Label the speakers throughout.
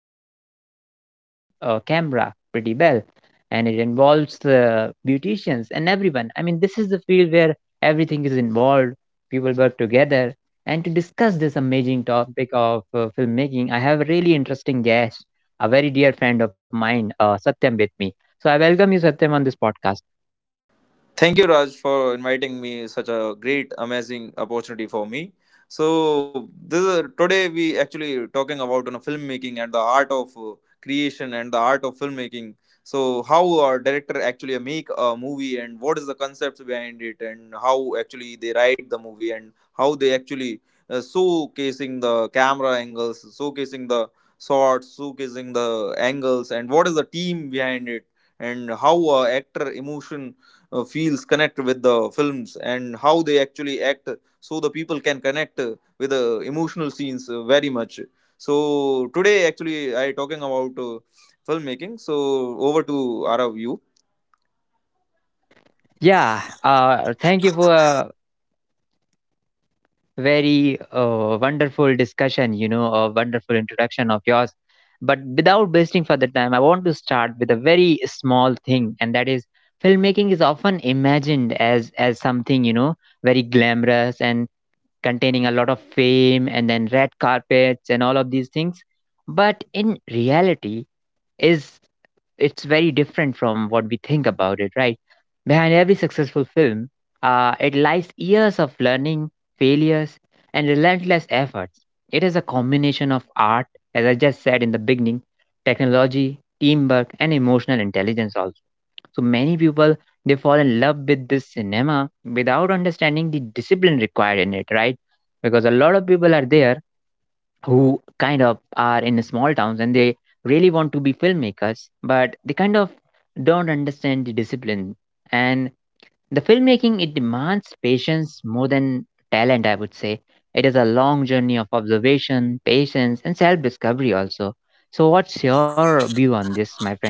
Speaker 1: handling your camera pretty well, and it involves the beauticians and everyone. I mean, this is the field where everything is involved, people work together. And to discuss this amazing topic of filmmaking, I have a really interesting guest, a very dear friend of mine, Satyam, with me. So I welcome you, Satyam, on this podcast.
Speaker 2: Thank you, Raj, for inviting me. Such a great, amazing opportunity for me. Today we actually talking about on filmmaking and the art of creation and the art of filmmaking. So how a director actually make a movie and what is the concepts behind it and how actually they write the movie and how they actually showcasing the camera angles, showcasing the shots, showcasing the angles and what is the team behind it and how a actor emotion feels connect with the films and how they actually act so the people can connect with the emotional scenes very much so today actually I talking about filmmaking so over to arav you.
Speaker 1: Yeah, thank you for very wonderful discussion, you know, a wonderful introduction of yours. But without wasting further time, I want to start with a very small thing, and that is filmmaking is often imagined as something, you know, very glamorous and containing a lot of fame and then red carpets and all of these things. But in reality, is it's very different from what we think about it, right? Behind every successful film, it lies years of learning, failures, and relentless efforts. It is a combination of art, as I just said in the beginning, technology, teamwork, and emotional intelligence also. So many people, they fall in love with this cinema without understanding the discipline required in it, right? Because a lot of people are there who kind of are in small towns and they really want to be filmmakers, but they kind of don't understand the discipline. And the filmmaking, it demands patience more than talent, I would say. It is a long journey of observation, patience, and self discovery also. So, what's your view on this, my friend?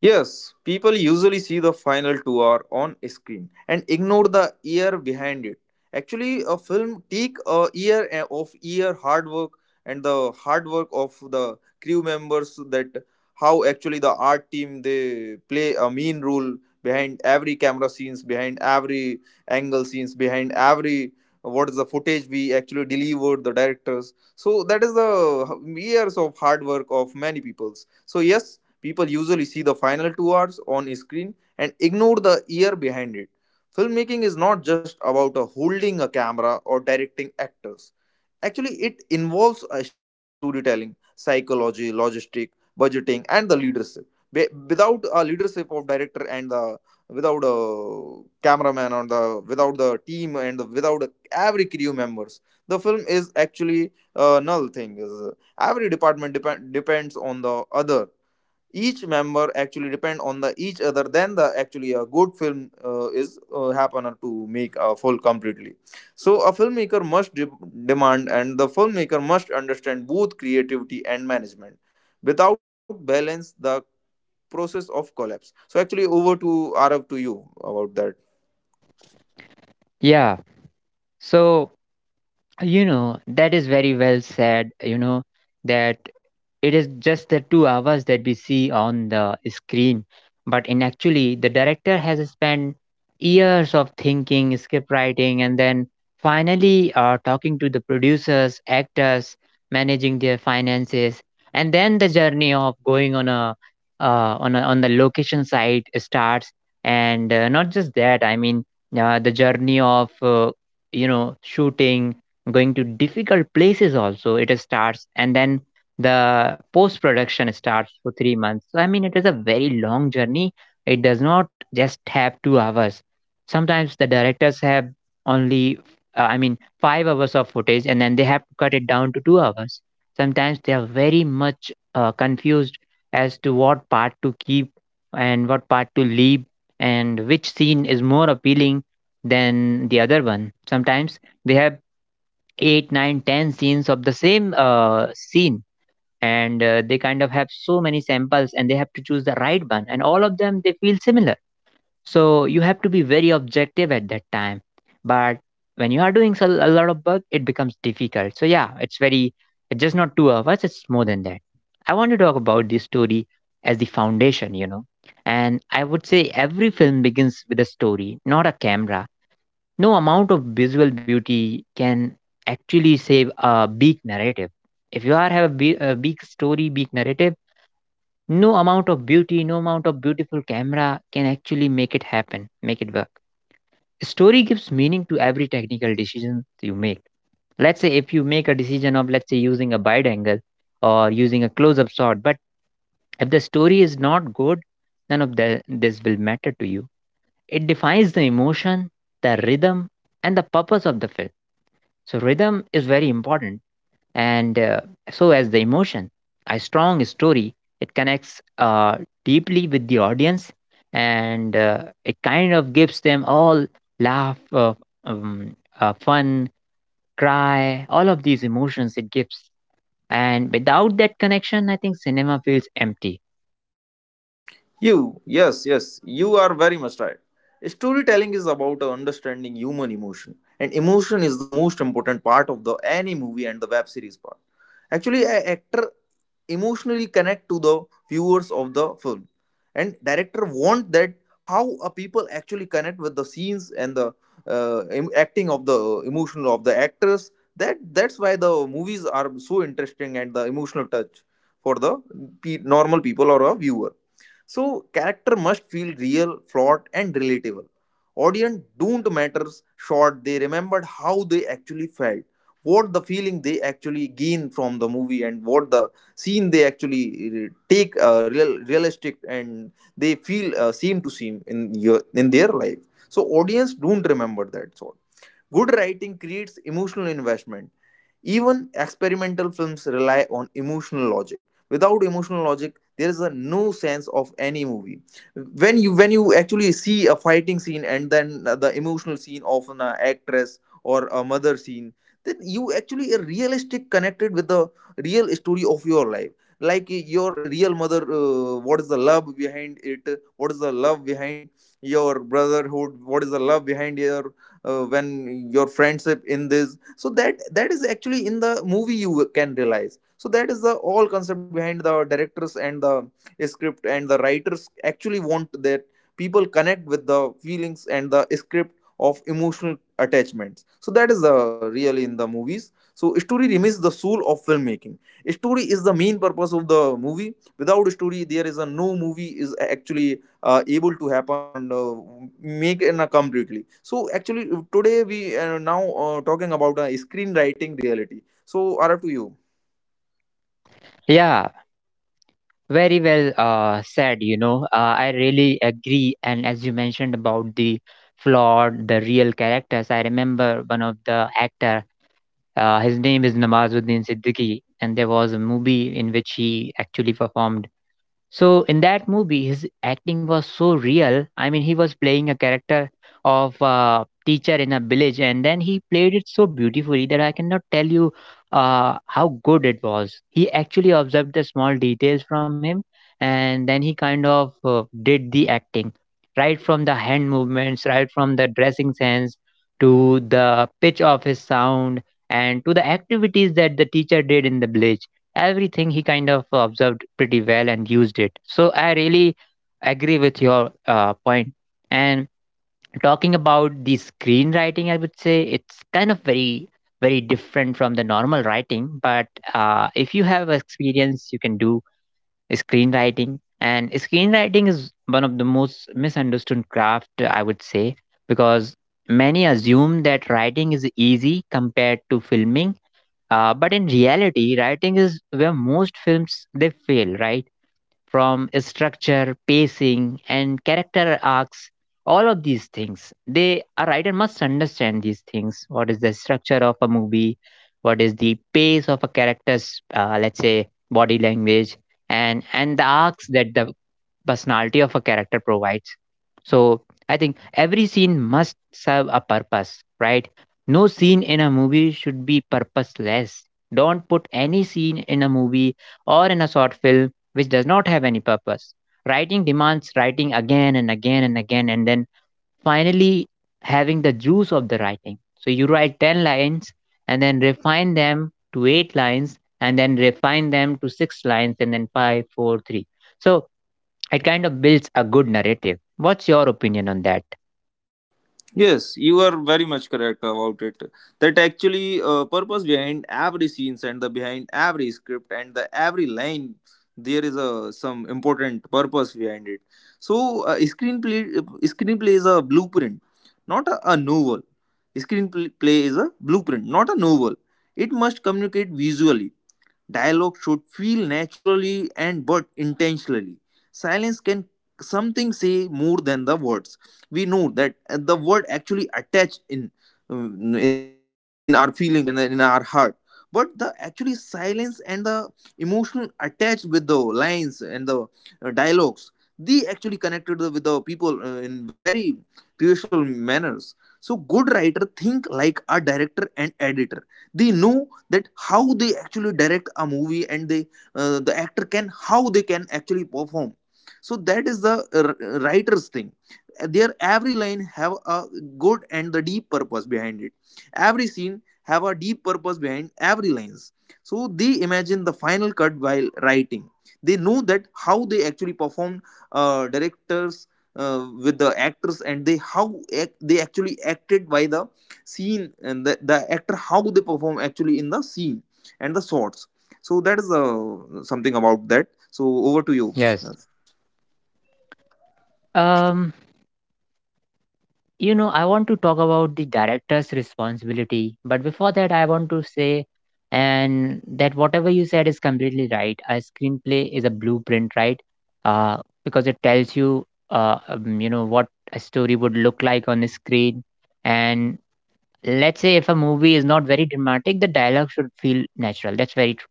Speaker 2: Yes, people usually see the final 2 hour on screen and ignore the year behind it. Actually, a film take a year of year hard work and the hard work of the crew members that how actually the art team they play a mean role behind every camera scenes, behind every angle scenes, behind every what is the footage we actually delivered the directors. So that is the years of hard work of many peoples. So yes, people usually see the final 2 hours on screen and ignore the year behind it. Filmmaking is not just about holding a camera or directing actors. Actually, it involves storytelling, psychology, logistic, budgeting, and the leadership. Without a leadership of director and the without a cameraman or the without the team without a, every crew members, the film is actually a null thing. Is every depends on the other each member actually depend on the each other then the actually a good film is happen to make a full completely so a filmmaker must demand and the filmmaker must understand both creativity and management without balance the process of collapse so actually over to arav to you about that.
Speaker 1: Yeah. So, you know, that is very well said, you know, that it is just the 2 hours that we see on the screen. But in actually, the director has spent years of thinking, script writing, and then finally talking to the producers, actors, managing their finances, and then the journey of going on the location site starts. And not just that, I mean, the journey of you know, shooting, going to difficult places also, it starts. And then the post production starts for 3 months. So I mean, it is a very long journey. It does not just have 2 hours. Sometimes the directors have only uh, i mean 5 hours of footage, and then they have to cut it down to 2 hours. Sometimes they are very much confused as to what part to keep and what part to leave, and which scene is more appealing than the other one. Sometimes they have eight, nine, ten scenes of the same scene, and they kind of have so many samples, and they have to choose the right one, and all of them they feel similar. So you have to be very objective at that time. But when you are doing a lot of work, it becomes difficult. So yeah, it's very. It's just not 2 hours; it's more than that. I want to talk about this story as the foundation, you know. And I would say every film begins with a story, not a camera. No amount of visual beauty can actually save a big narrative. If you are have a big story, big narrative, no amount of beauty, no amount of beautiful camera can actually make it happen, make it work. Story gives meaning to every technical decision you make. Let's say if you make a decision of, let's say, using a wide angle or using a close-up shot, but if the story is not good, none of the, this will matter to you. It defines the emotion, the rhythm, and the purpose of the film. So rhythm is very important, and so as the emotion. A strong story, it connects deeply with the audience, and it kind of gives them all laugh, um, fun, cry, all of these emotions it gives. And without that connection, I think cinema feels empty.
Speaker 2: Yes, yes, you are very much right. Storytelling is about understanding human emotion, and emotion is the most important part of the any movie and the web series part. Actually, a actor emotionally connect to the viewers of the film, and director want that how a people actually connect with the scenes and the acting of the emotion of the actors. That's why the movies are so interesting and the emotional touch for the normal people or a viewer so character must feel real, flawed, and relatable. Audience don't matters short, they remembered how they actually felt, what the feeling they actually gain from the movie and what the scene they actually take real realistic and they feel seem to seem in your in their life. So audience don't remember that sort. Good writing creates emotional investment even experimental films rely on emotional logic. Without emotional logic, there is a no sense of any movie. When you actually see a fighting scene and then the emotional scene of an actress or a mother scene, then you actually are realistic connected with the real story of your life. Like your real mother, what is the love behind it? What is the love behind your brotherhood? What is the love behind your when your friendship in this so that is actually in the movie you can realize so that is the all concept behind the directors and the script and the writers actually want that people connect with the feelings and the script of emotional attachments so that is the really in the movies so story remains the soul of filmmaking story is the main purpose of the movie without story there is a no movie is actually able to happen and make an completely so actually today we are now talking about screenwriting reality so are up to you.
Speaker 1: Yeah, very well said, you know. I really agree. And as you mentioned about the flawed, the real characters, I remember one of the actor, his name is Namazuddin Siddiqui, and there was a movie in which he actually performed. So in that movie, his acting was so real. I mean, he was playing a character of a teacher in a village, and then he played it so beautifully that I cannot tell you how good it was. He actually observed the small details from him, and then he kind of did the acting, right from the hand movements, right from the dressing sense to the pitch of his sound, and to the activities that the teacher did in the village. Everything he kind of observed pretty well and used it. So I really agree with your point. And talking about the screenwriting, I would say it's kind of very different from the normal writing. But if you have experience, you can do screenwriting. And screenwriting is one of the most misunderstood craft, I would say, because many assume that writing is easy compared to filming, but in reality, writing is where most films they fail, right? From structure, pacing, and character arcs, all of these things. They A writer must understand these things. What is the structure of a movie? What is the pace of a character's, let's say, body language, and the arcs that the personality of a character provides. So I think every scene must serve a purpose, right? No scene in a movie should be purposeless. Don't put any scene in a movie or in a short film which does not have any purpose. Writing demands writing again and again and again, and then finally having the juice of the writing. So you write 10 lines and then refine them to 8 lines and then refine them to 6 lines and then five, four, three. So it kind of builds a good narrative. What's your opinion on that?
Speaker 2: Yes, you are very much correct about it. That actually purpose behind every scenes and the behind every script and the every line there is a some important purpose behind it. So screenplay is a blueprint, not a, a novel. Screenplay is a blueprint, not a novel. It must communicate visually. Dialogue should feel naturally and but intentionally. Silence can something say more than the words. We know that the word actually attached in our feelings and in our heart. But the actually silence and the emotional attached with the lines and the dialogues, they actually connected with the people in very crucial manners. So good writer think like a director and editor. They know that how they actually direct a movie and they the actor can how they can actually perform so that is the uh, writer's thing their every line have a good and the deep purpose behind it every scene have a deep purpose behind every lines so they imagine the final cut while writing they know that how they actually perform directors with the actors and they how they actually acted by the scene and the actor how they perform actually in the scene and the shots so that is something about that so over to you.
Speaker 1: Yes. Um, you know, I want to talk about the director's responsibility, but before that, I want to say, and that whatever you said is completely right. A screenplay is a blueprint, right? Uh, because it tells you, you know, what a story would look like on the screen. And let's say if a movie is not very dramatic, the dialogue should feel natural. That's very true.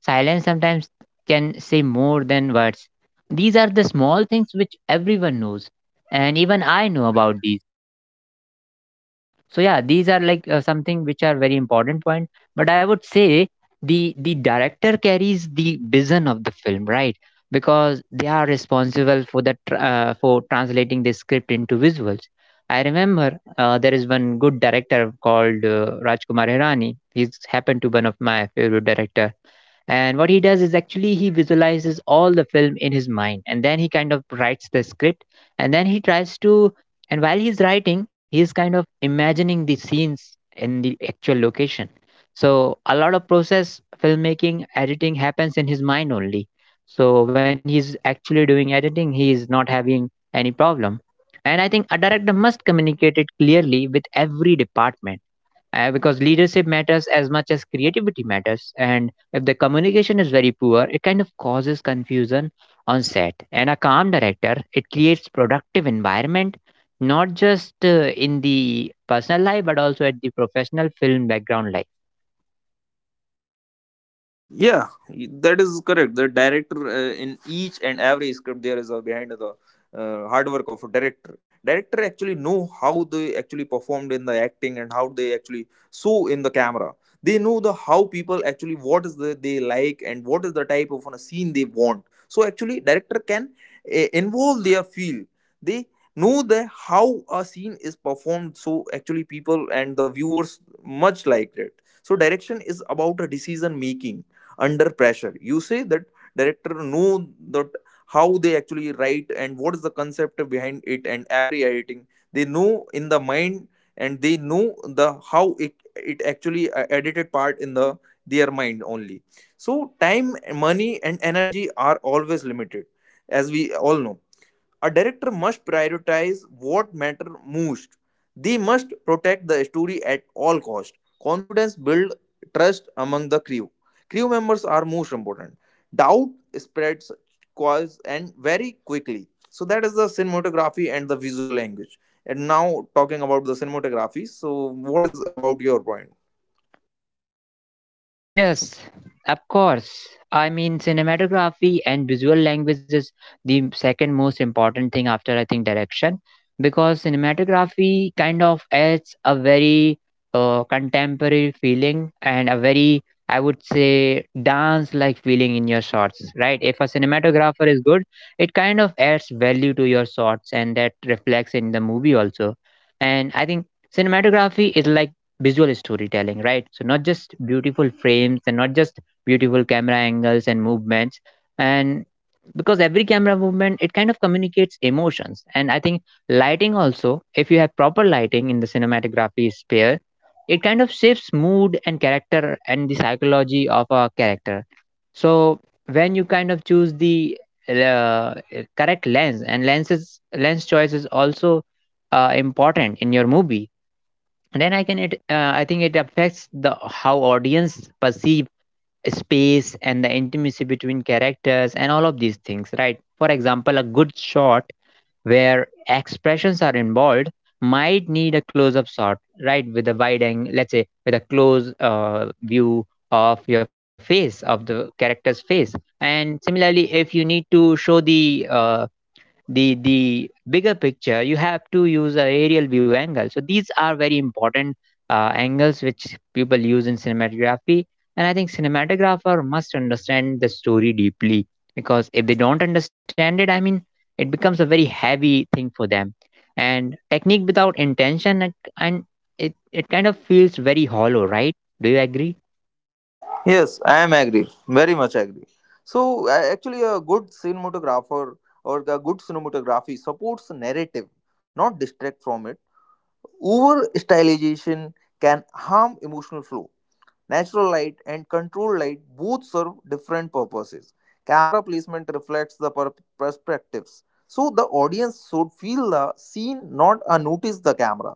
Speaker 1: Silence sometimes can say more than words. These are the small things which everyone knows, and even I know about these. So yeah, these are like something which are very important point. But I would say the director carries the vision of the film, right? Because they are responsible for the for translating the script into visuals. I remember there is one good director called Rajkumar Hirani. He's happened to one of my favorite director, and what he does is actually he visualizes all the film in his mind, and then he kind of writes the script. And then he tries to and while he's writing, he's kind of imagining the scenes in the actual location. So a lot of process filmmaking editing happens in his mind only. So when he's actually doing editing, he is not having any problem. And I think a director must communicate it clearly with every department, because leadership matters as much as creativity matters. And if the communication is very poor, it kind of causes confusion on set. And a calm director, it creates productive environment, not just in the personal life but also at the professional film background life.
Speaker 2: Yeah, that is correct. The director in each and every script there is a behind the hard work of a director. Director actually know how they actually performed in the acting and how they actually saw in the camera. They know the how people actually what is the they like and what is the type of a scene they want. So actually, director can involve their feel. They know the how a scene is performed. So actually, people and the viewers much like it. So direction is about a decision making under pressure you say that director know that how they actually write and what is the concept behind it and every editing they know in the mind and they know the how it actually edited part in the their mind only so time money and energy are always limited as we all know a director must prioritize what matter most. They must protect the story at all cost. Confidence build trust among the crew. Crew members are most important. Doubt spreads cause and very quickly. So that is the cinematography and the visual language. And now talking about the cinematography. So what is about your point?
Speaker 1: Yes, of course. I mean, cinematography and visual language is the second most important thing after, I think, direction, because cinematography kind of adds a very contemporary feeling and a very, I would say, dance like feeling in your shots, right? If a cinematographer is good, it kind of adds value to your shots and that reflects in the movie also. And I think cinematography is like visual storytelling, right? So not just beautiful frames and not just beautiful camera angles and movements, and because every camera movement, it kind of communicates emotions. And I think lighting also, if you have proper lighting in the cinematography sphere, it kind of shapes mood and character and the psychology of a character. So when you kind of choose the uh, correct lens and lens choice is also important in your movie then I think it affects the how audience perceive space and the intimacy between characters and all of these things, right? For example, a good shot where expressions are involved might need a close up shot, right? With a wide angle, let's say with a close view of your face, of the character's face. And similarly, if you need to show the the bigger picture, you have to use a aerial view angle. So these are very important angles which people use in cinematography. And I think cinematographer must understand the story deeply, because if they don't understand it, it becomes a very heavy thing for them. And technique without intention, and it kind of feels very hollow, right? Do you agree?
Speaker 2: Yes, I am agree. Very much agree. So actually, a good cinematographer or a good cinematography supports narrative, not distract from it. Over stylization can harm emotional flow. Natural light and controlled light both serve different purposes. Camera placement reflects the perspectives, so the audience should feel the scene, not notice the camera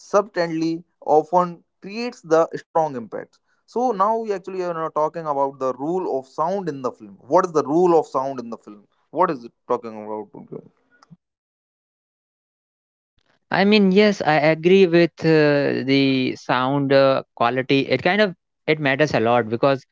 Speaker 2: subtly often creates the strong impact. So now we actually are now talking about the rule of sound in the film. What is the rule of sound in the film? What is it talking about?
Speaker 1: I mean, yes, I agree with the sound quality. It kind of, it matters a lot because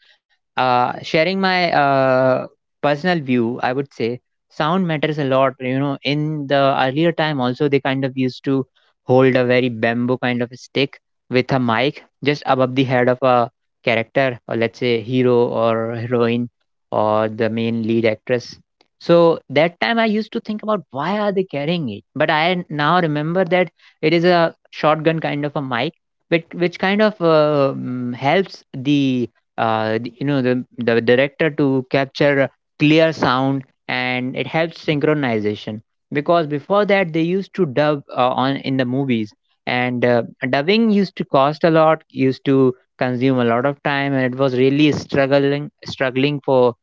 Speaker 1: sharing my personal view, I would say sound matters a lot. You know, in the earlier time also they kind of used to hold a very bamboo kind of a stick with a mic just above the head of a character, or let's say hero or heroine or the main lead actress. So that time I used to think about why are they carrying it? But I now remember that it is a shotgun kind of a mic, which kind of helps the you know, the director to capture clear sound, and it helps synchronization because before that they used to dub on in the movies. And dubbing used to cost a lot, used to consume a lot of time, and it was really struggling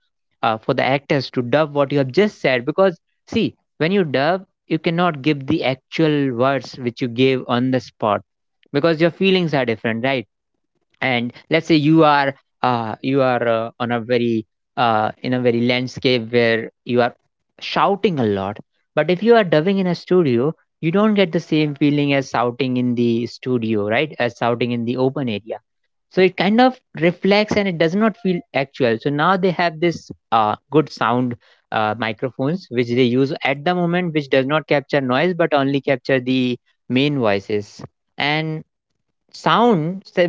Speaker 1: for the actors to dub what you have just said. Because see, when you dub, you cannot give the actual words which you gave on the spot, because your feelings are different, right? And let's say you are on a very in a very landscape where you are shouting a lot, but if you are dubbing in a studio, you don't get the same feeling as shouting in the studio, right? As shouting in the open area. So it kind of reflects and it does not feel actual. So now they have this good sound microphones which they use at the moment, which does not capture noise but only capture the main voices and sound. So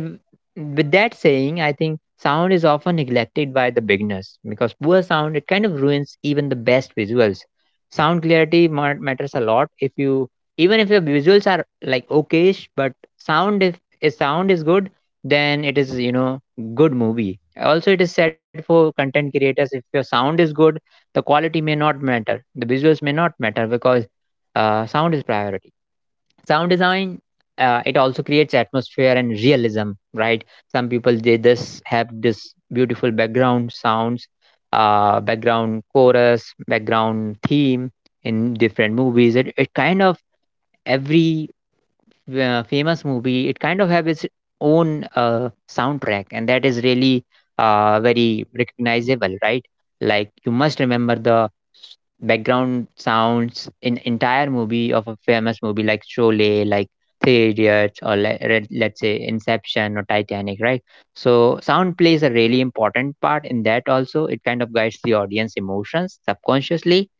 Speaker 1: with that saying, I think sound is often neglected by the beginners because poor sound, it kind of ruins even the best visuals. Sound clarity matters a lot. If you, even if your visuals are like okayish, but sound, if sound is good, then it is, you know, good movie. Also, it is said for content creators, if your sound is good, the quality may not matter, the visuals may not matter, because sound is priority. Sound design, it also creates atmosphere and realism, right? Some people, they this have this beautiful background sounds, background chorus, background theme in different movies. It kind of, every famous movie, it kind of have its own soundtrack, and that is really very recognizable, right? Like you must remember the background sounds in entire movie of a famous movie like Sholay, like Three Idiots, or let's say Inception or Titanic, right? So sound plays a really important part in that also. It kind of guides the audience emotions subconsciously.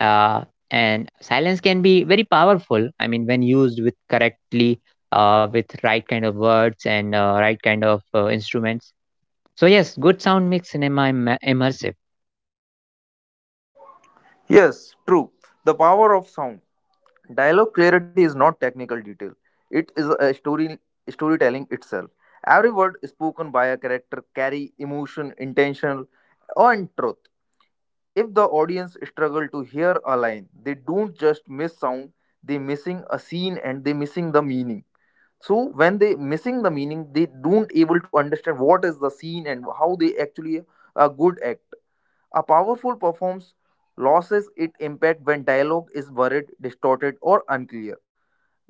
Speaker 1: uh, and silence can be very powerful, I mean when used with correctly, with right kind of words and right kind of instruments. So yes, good sound makes cinema immersive.
Speaker 2: Yes, true. The power of sound. Dialogue clarity is not technical detail. It is a storytelling itself. Every word spoken by a character carry emotion, intention, and truth. If the audience struggle to hear a line, they don't just miss sound, they missing a scene and they missing the meaning. So when they missing the meaning, they don't able to understand what is the scene and how they actually a good act. A powerful performance loses its impact when dialogue is buried, distorted, or unclear.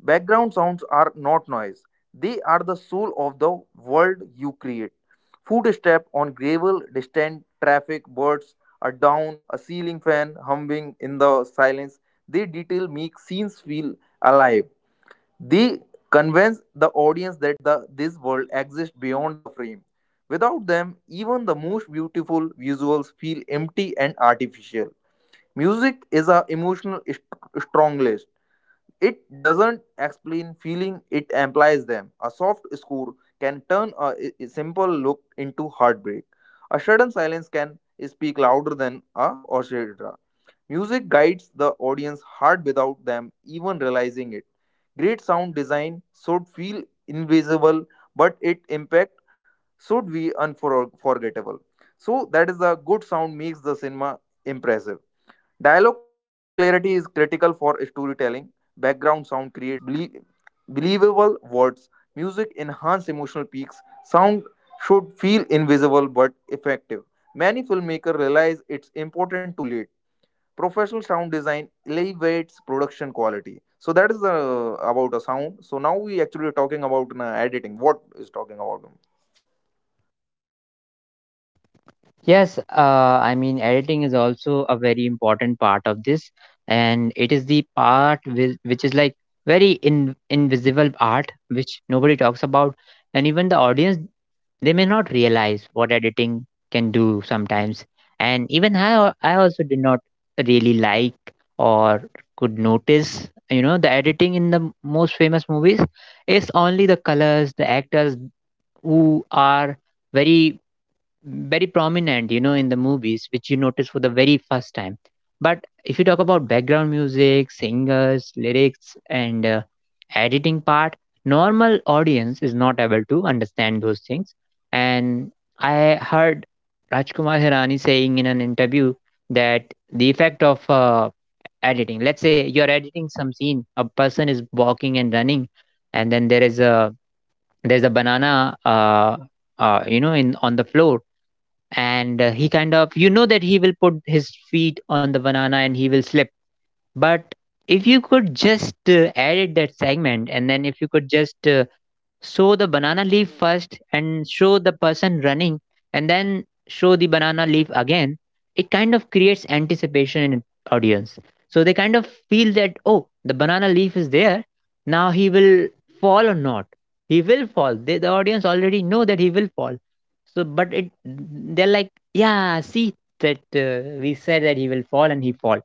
Speaker 2: Background sounds are not noise. They are the soul of the world you create. Footstep on gravel, distant traffic, birds, a down, a ceiling fan humming in the silence. They detail make scenes feel alive. They convince the audience that this world exists beyond the frame. Without them, even the most beautiful visuals feel empty and artificial. Music is a emotional strong list. It doesn't explain feeling, it implies them. A soft score can turn a simple look into heartbreak. A sudden silence can speak louder than a orchestra. Music guides the audience heart without them even realizing it. Great sound design should feel invisible, but its impact should be unforgettable. So that is the good sound makes the cinema impressive. Dialogue clarity is critical for storytelling. Background sound creates believable words. Music enhances emotional peaks. Sound should feel invisible but effective. Many filmmakers realize it's important too late. Professional sound design elevates production quality. So that is about a sound. So now we actually are talking about editing. What is talking about?
Speaker 1: Yes, I mean editing is also a very important part of this, and it is the part which is like very invisible art which nobody talks about. And even the audience, they may not realize what editing can do sometimes. And even I also did not really like or could notice, you know, the editing in the most famous movies. Is only the colors, the actors who are very, very prominent, you know, in the movies, which you notice for the very first time. But if you talk about background music, singers, lyrics, and editing part, normal audience is not able to understand those things. And I heard Rajkumar Hirani saying in an interview that the effect of editing, let's say you're editing some scene, a person is walking and running, and then there's a banana, you know, in on the floor, and he kind of, you know, that he will put his feet on the banana and he will slip. But if you could just edit that segment, and then if you could just show the banana leaf first and show the person running, and then show the banana leaf again, it kind of creates anticipation in audience. So they kind of feel that, oh, the banana leaf is there, now he will fall or not. He will fall, the audience already know that he will fall. So but it, they're like, yeah, see that we said that he will fall and he falls.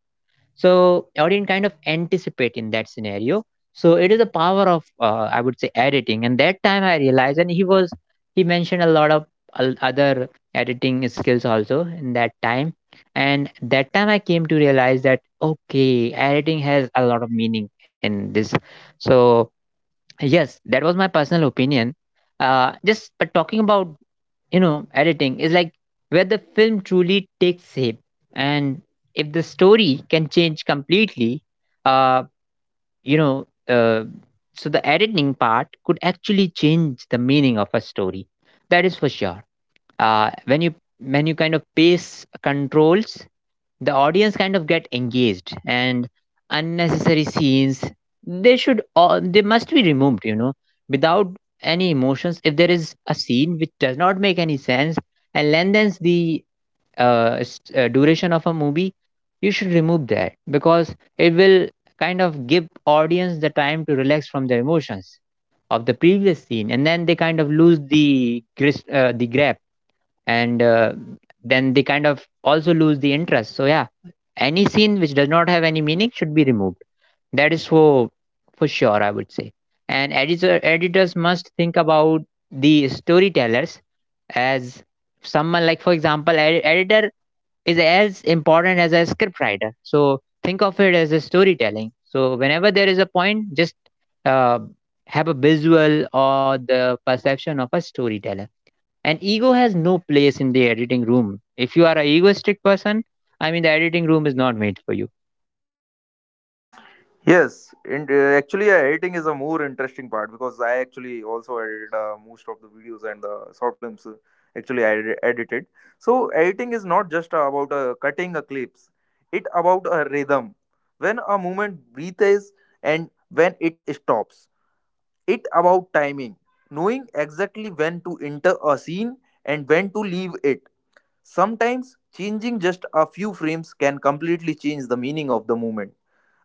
Speaker 1: So I didn't kind of anticipate in that scenario. So it is the power of I would say editing, and that time I realized, and he was, he mentioned a lot of other editing skills also in that time, and that time I came to realize that okay, editing has a lot of meaning in this. So yes, that was my personal opinion. Just but talking about, you know, editing is like where the film truly takes shape, and if the story can change completely, uh you know, so the editing part could actually change the meaning of a story, that is for sure. When you, when you kind of pace controls, the audience kind of get engaged, and unnecessary scenes, they should all, they must be removed, you know, without any emotions. If there is a scene which does not make any sense and lengthens the duration of a movie, you should remove that, because it will kind of give audience the time to relax from the emotions of the previous scene, and then they kind of lose the the grab, and then they kind of also lose the interest. So yeah, any scene which does not have any meaning should be removed, that is for sure, I would say. And editors must think about the storytellers as someone, like for example, editor is as important as a script writer. So think of it as a storytelling. So whenever there is a point, just uh, have a visual or the perception of a storyteller. And ego has no place in the editing room. If you are an egoistic person, I mean, the editing room is not made for you.
Speaker 2: Yes, and actually, editing is a more interesting part because I actually also edit most of the videos and the short films. Actually, I edited. So editing is not just about cutting a clips; it about a rhythm. When a movement breathes and when it stops. It about timing, knowing exactly when to enter a scene and when to leave it. Sometimes changing just a few frames can completely change the meaning of the movement.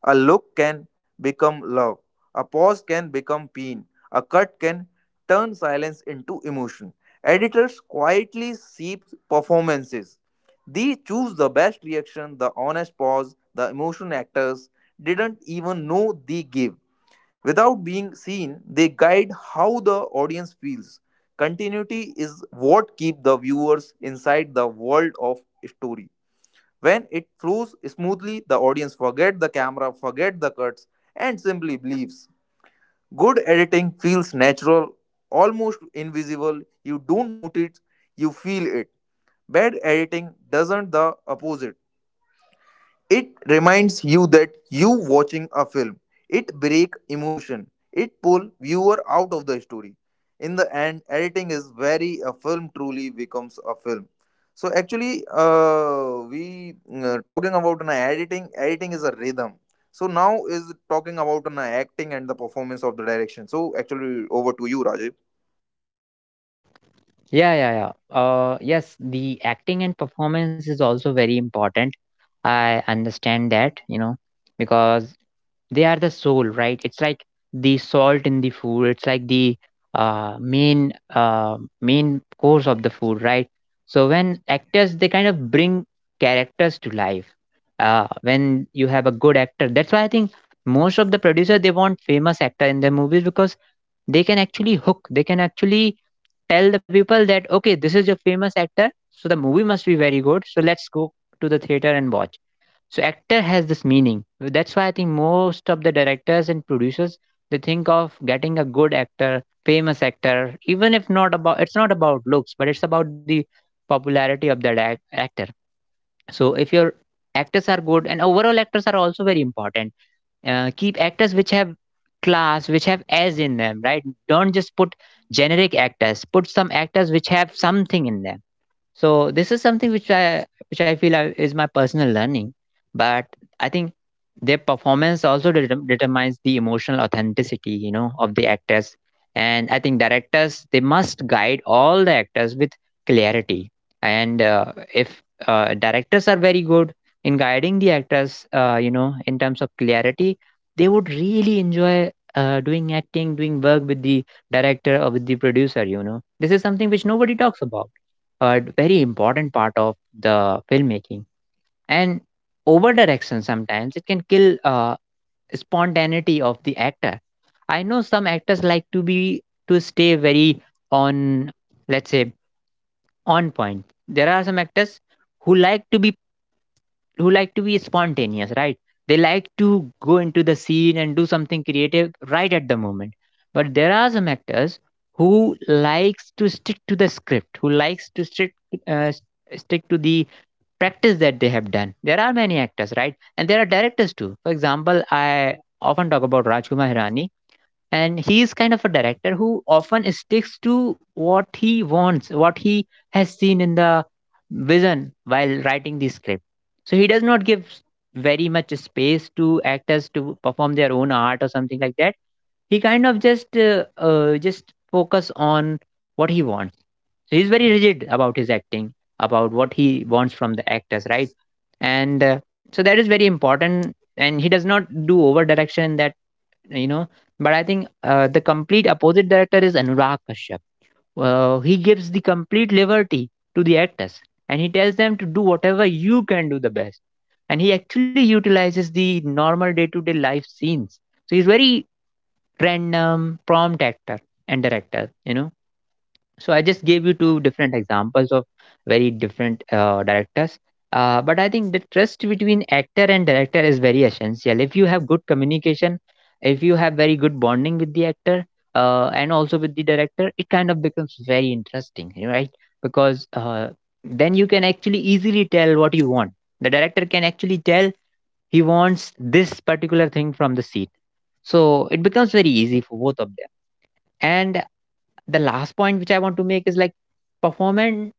Speaker 2: A look can become love. A pause can become pain. A cut can turn silence into emotion. Editors quietly seep performances. They choose the best reaction, the honest pause, the emotion actors didn't even know they gave. Without being seen, they guide how the audience feels. Continuity is what keeps the viewers inside the world of story. When it flows smoothly, the audience forget the camera, forget the cuts, and simply believes. Good editing feels natural, almost invisible. You don't notice, you feel it. Bad editing doesn't the opposite. It reminds you that you watching a film. It break emotion. It pull viewer out of the story. In the end, editing is very a film truly becomes a film. So actually, we talking about an editing. Editing is a rhythm. So now is talking about an acting and the performance of the direction. So actually, over to you, Rajiv.
Speaker 1: Yeah, yeah, yeah. Yes, the acting and performance is also very important. I understand that, you know, because they are the soul, right? It's like the salt in the food. It's like the main course of the food, right? So when actors, they kind of bring characters to life. When you have a good actor, that's why I think most of the producers they want famous actor in their movies, because they can actually hook, they can actually tell the people that okay, this is your famous actor, so the movie must be very good, so let's go to the theater and watch. So actor has this meaning. That's why I think most of the directors and producers, they think of getting a good actor, famous actor. Even if not about, it's not about looks, but it's about the popularity of that actor. So if your actors are good, and overall actors are also very important, keep actors which have class, which have as in them, right? Don't just put generic actors, put some actors which have something in them. So this is something which I feel, is my personal learning. But I think their performance also determines the emotional authenticity, you know, of the actors. And I think directors, they must guide all the actors with clarity. And if directors are very good in guiding the actors, you know, in terms of clarity, they would really enjoy doing acting, doing work with the director or with the producer. You know, this is something which nobody talks about, a very important part of the filmmaking. And over direction sometimes it can kill spontaneity of the actor. I know some actors like to be, to stay very on, let's say, on point. There are some actors who like to be, who like to be spontaneous, right? They like to go into the scene and Do something creative right at the moment. But there are some actors who likes to stick to the script, who likes to stick uh, stick to the practice that they have done. There are many actors, right? And there are directors too. For example, I often talk about Rajkumar Hirani, and he is kind of a director who often sticks to what he wants, what he has seen in the vision while writing the script. So he does not give very much space to actors to perform their own art or something like that. He kind of just focus on what he wants. So he's very rigid about his acting, about what he wants from the actors, right? And so that is very important, and he does not do over direction in that, you know but I think the complete opposite director is Anurag Kashyap. He gives the complete liberty to the actors, and he tells them to do whatever you can do the best. And he actually utilizes the normal day-to-day life scenes. So he's very random prompt actor and director, you know. So I just gave you two different examples of very different directors. But I think the trust between actor and director is very essential. If you have good communication, if you have very good bonding with the actor and also with the director, it kind of becomes very interesting, you know, right? Because then you can actually easily tell what you want. The director can actually tell he wants this particular thing from the scene. So it becomes very easy for both of them. And the last point which I want to make is like performance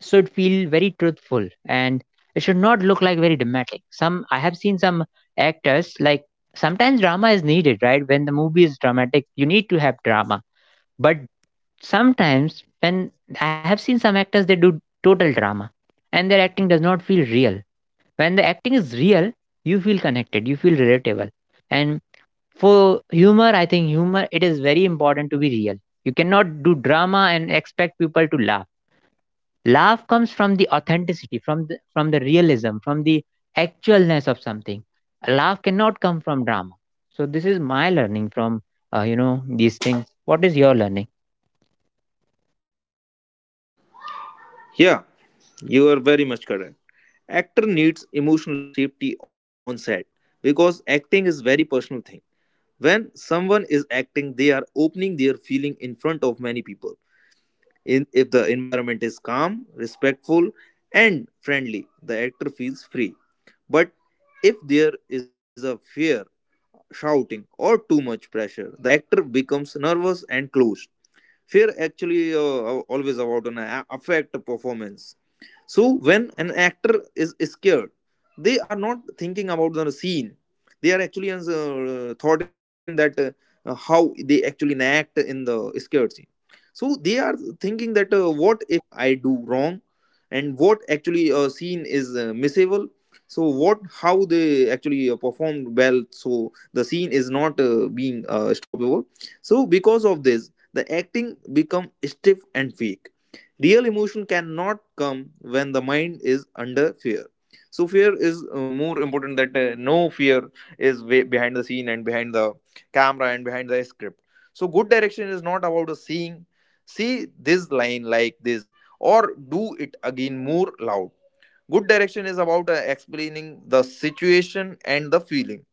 Speaker 1: should feel very truthful, and it should not look like very dramatic. Some, I have seen some actors like, sometimes drama is needed, right? When the movie is dramatic, you need to have drama. But sometimes when I have seen some actors, they do total drama and their acting does not feel real. When the acting is real, you feel connected, you feel relatable. And for humor, I think humor, it is very important to be real. You cannot do drama and expect people to laugh. Laugh comes from the authenticity, from the realism, from the actualness of something. A laugh cannot come from drama. So this is my learning from, you know, these things. What is your learning?
Speaker 2: Yeah, you are very much correct. Actor needs emotional safety on set because acting is very personal thing. When someone is acting, they are opening their feeling in front of many people in if the environment is calm, respectful, and friendly, the actor feels free. But if there is a fear, shouting or too much pressure, the actor becomes nervous and closed. Fear actually always about an affect performance. So when an actor is scared, they are not thinking about the scene. They are actually thoughting that how they actually act in the scared scene. So they are thinking that what if I do wrong, and what actually a scene is missable. So what how they actually performed well so the scene is not being stoppable. So because of this the acting become stiff and fake. Real emotion cannot come when the mind is under fear. So fear is more important that no fear is way behind the scene and behind the camera and behind the script. So good direction is not about a seeing see this line like this or do it again more loud. Good direction is about explaining the situation and the feeling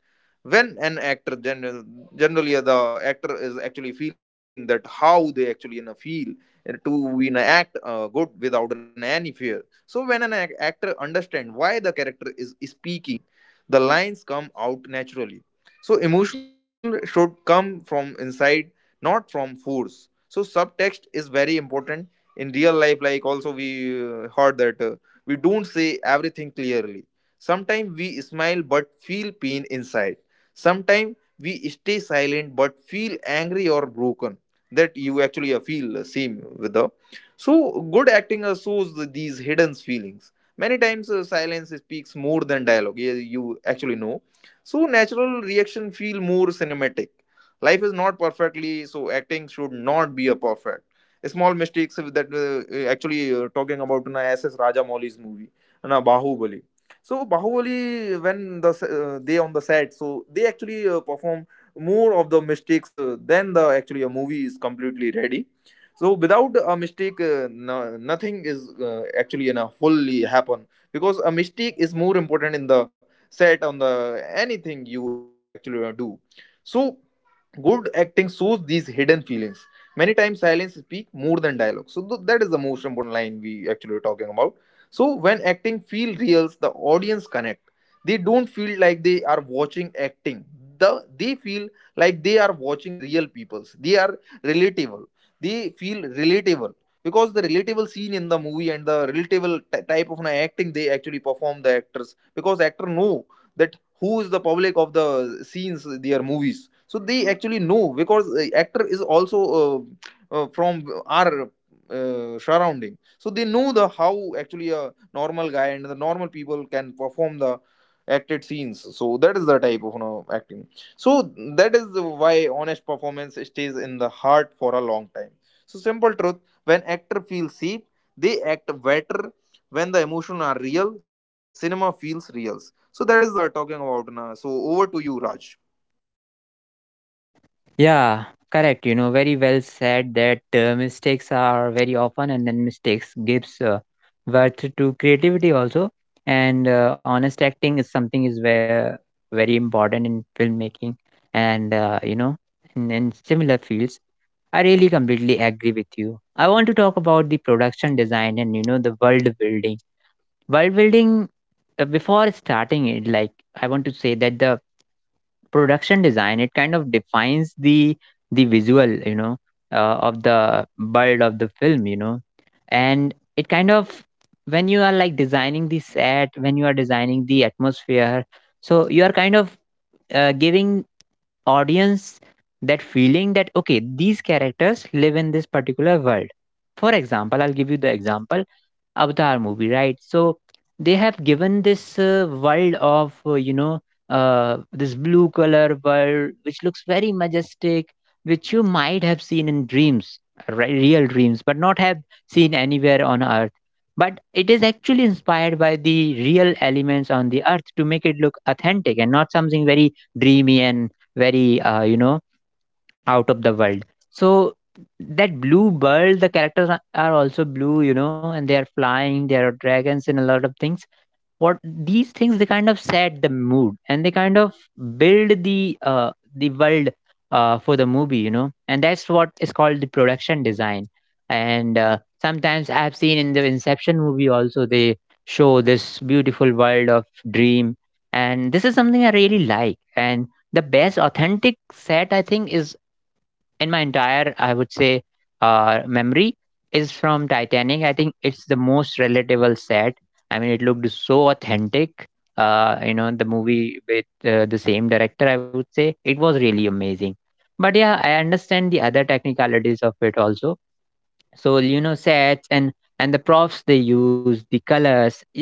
Speaker 2: when an actor generally the actor is actually feeling that how they actually, you know, feel to, you know, act good without an any fear. So when an actor understand why the character is speaking, the lines come out naturally. So emotional should come from inside, not from force. So subtext is very important in real life, like also we heard that we don't say everything clearly. Sometimes we smile but feel pain inside. Sometimes we stay silent but feel angry or broken. That you actually feel same with the. So good acting shows these hidden feelings. Many times silence speaks more than dialogue. Yeah, you actually know. So natural reaction feel more cinematic. Life is not perfectly, so acting should not be a perfect small mistakes that actually talking about na SS Raja Mauli's movie na Bahubali. So Bahubali, when they on the set, so they actually perform more of the mistakes than the actually a movie is completely ready. So without a mistake, no, nothing is actually gonna fully happen because a mistake is more important in the set on the anything you actually do. So good acting shows these hidden feelings. Many times silence speak more than dialogue. So that is the most important line we actually are talking about. So when acting feel real, the audience connect. They don't feel like they are watching acting. They feel like they are watching real peoples. They are relatable. They feel relatable because the relatable scene in the movie and the relatable type of an acting they actually perform the actors because actor know that who is the public of the scenes their movies. So they actually know because actor is also from our surrounding. So they know the how actually a normal guy and the normal people can perform the acted scenes. So that is the type of, you know, acting. So that is why honest performance stays in the heart for a long time. So simple truth, when actor feels safe, they act better. When the emotions are real, cinema feels real. So that is talking about na. So over to you, Raj.
Speaker 1: Yeah, correct. You know, very well said that mistakes are very often, and then mistakes gives birth to creativity also. And honest acting is something is where very important in filmmaking, and you know, in similar fields. I really completely agree with you. I want to talk about the production design and, you know, the world building. World building. Before starting it, like, I want to say that the production design, it kind of defines the visual, you know, of the world of the film, you know. And it kind of, when you are like designing the set, when you are designing the atmosphere, so you are kind of giving audience that feeling that okay, these characters live in this particular world. For example, I'll give you the example Avatar movie, right? So they have given this world of, this blue color world, which looks very majestic, which you might have seen in dreams, right, real dreams, but not have seen anywhere on Earth. But it is actually inspired by the real elements on the Earth to make it look authentic and not something very dreamy and very, you know, out of the world. So that blue world, the characters are also blue, you know, and they are flying, there are dragons and a lot of things. What these things, they kind of set the mood and they kind of build the world for the movie, you know, and that's what is called the production design. And sometimes I've seen in the Inception movie also, they show this beautiful world of dream, and this is something I really like. And the best authentic set, I think, is in my entire, I would say, memory, is from Titanic. I think it's the most relatable set. I mean, it looked so authentic. You know, the movie with the same director, I would say, it was really amazing. But yeah, I understand the other technicalities of it also. So, you know, sets and the props they use, the colors, yeah,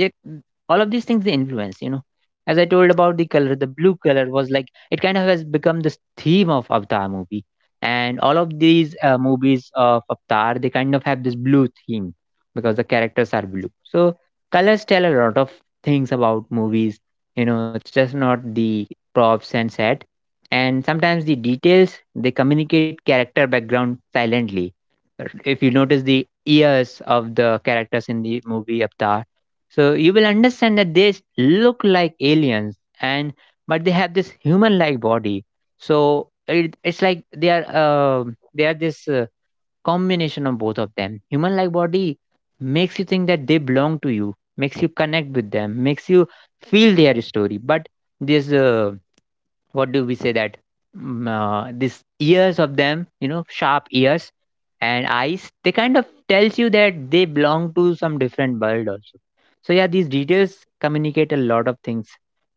Speaker 1: all of these things, they influence, you know. As I told about the color, the blue color was like, it kind of has become this theme of Avatar movie, and all of these movies of Avatar, they kind of have this blue theme because the characters are blue. So colors tell a lot of things about movies, you know. It's just not the props and set. And sometimes the details, they communicate character background silently. If you notice the ears of the characters in the movie Avatar, so you will understand that look like aliens, and but they have this human-like body. So it, it's like they are, um, they are this combination of both of them. Human-like body makes you think that they belong to you, makes you connect with them, makes you feel their story. But this what do we say that mm, this ears of them, you know, sharp ears and eyes, they kind of tells you that they belong to some different world also. So yeah, these details communicate a lot of things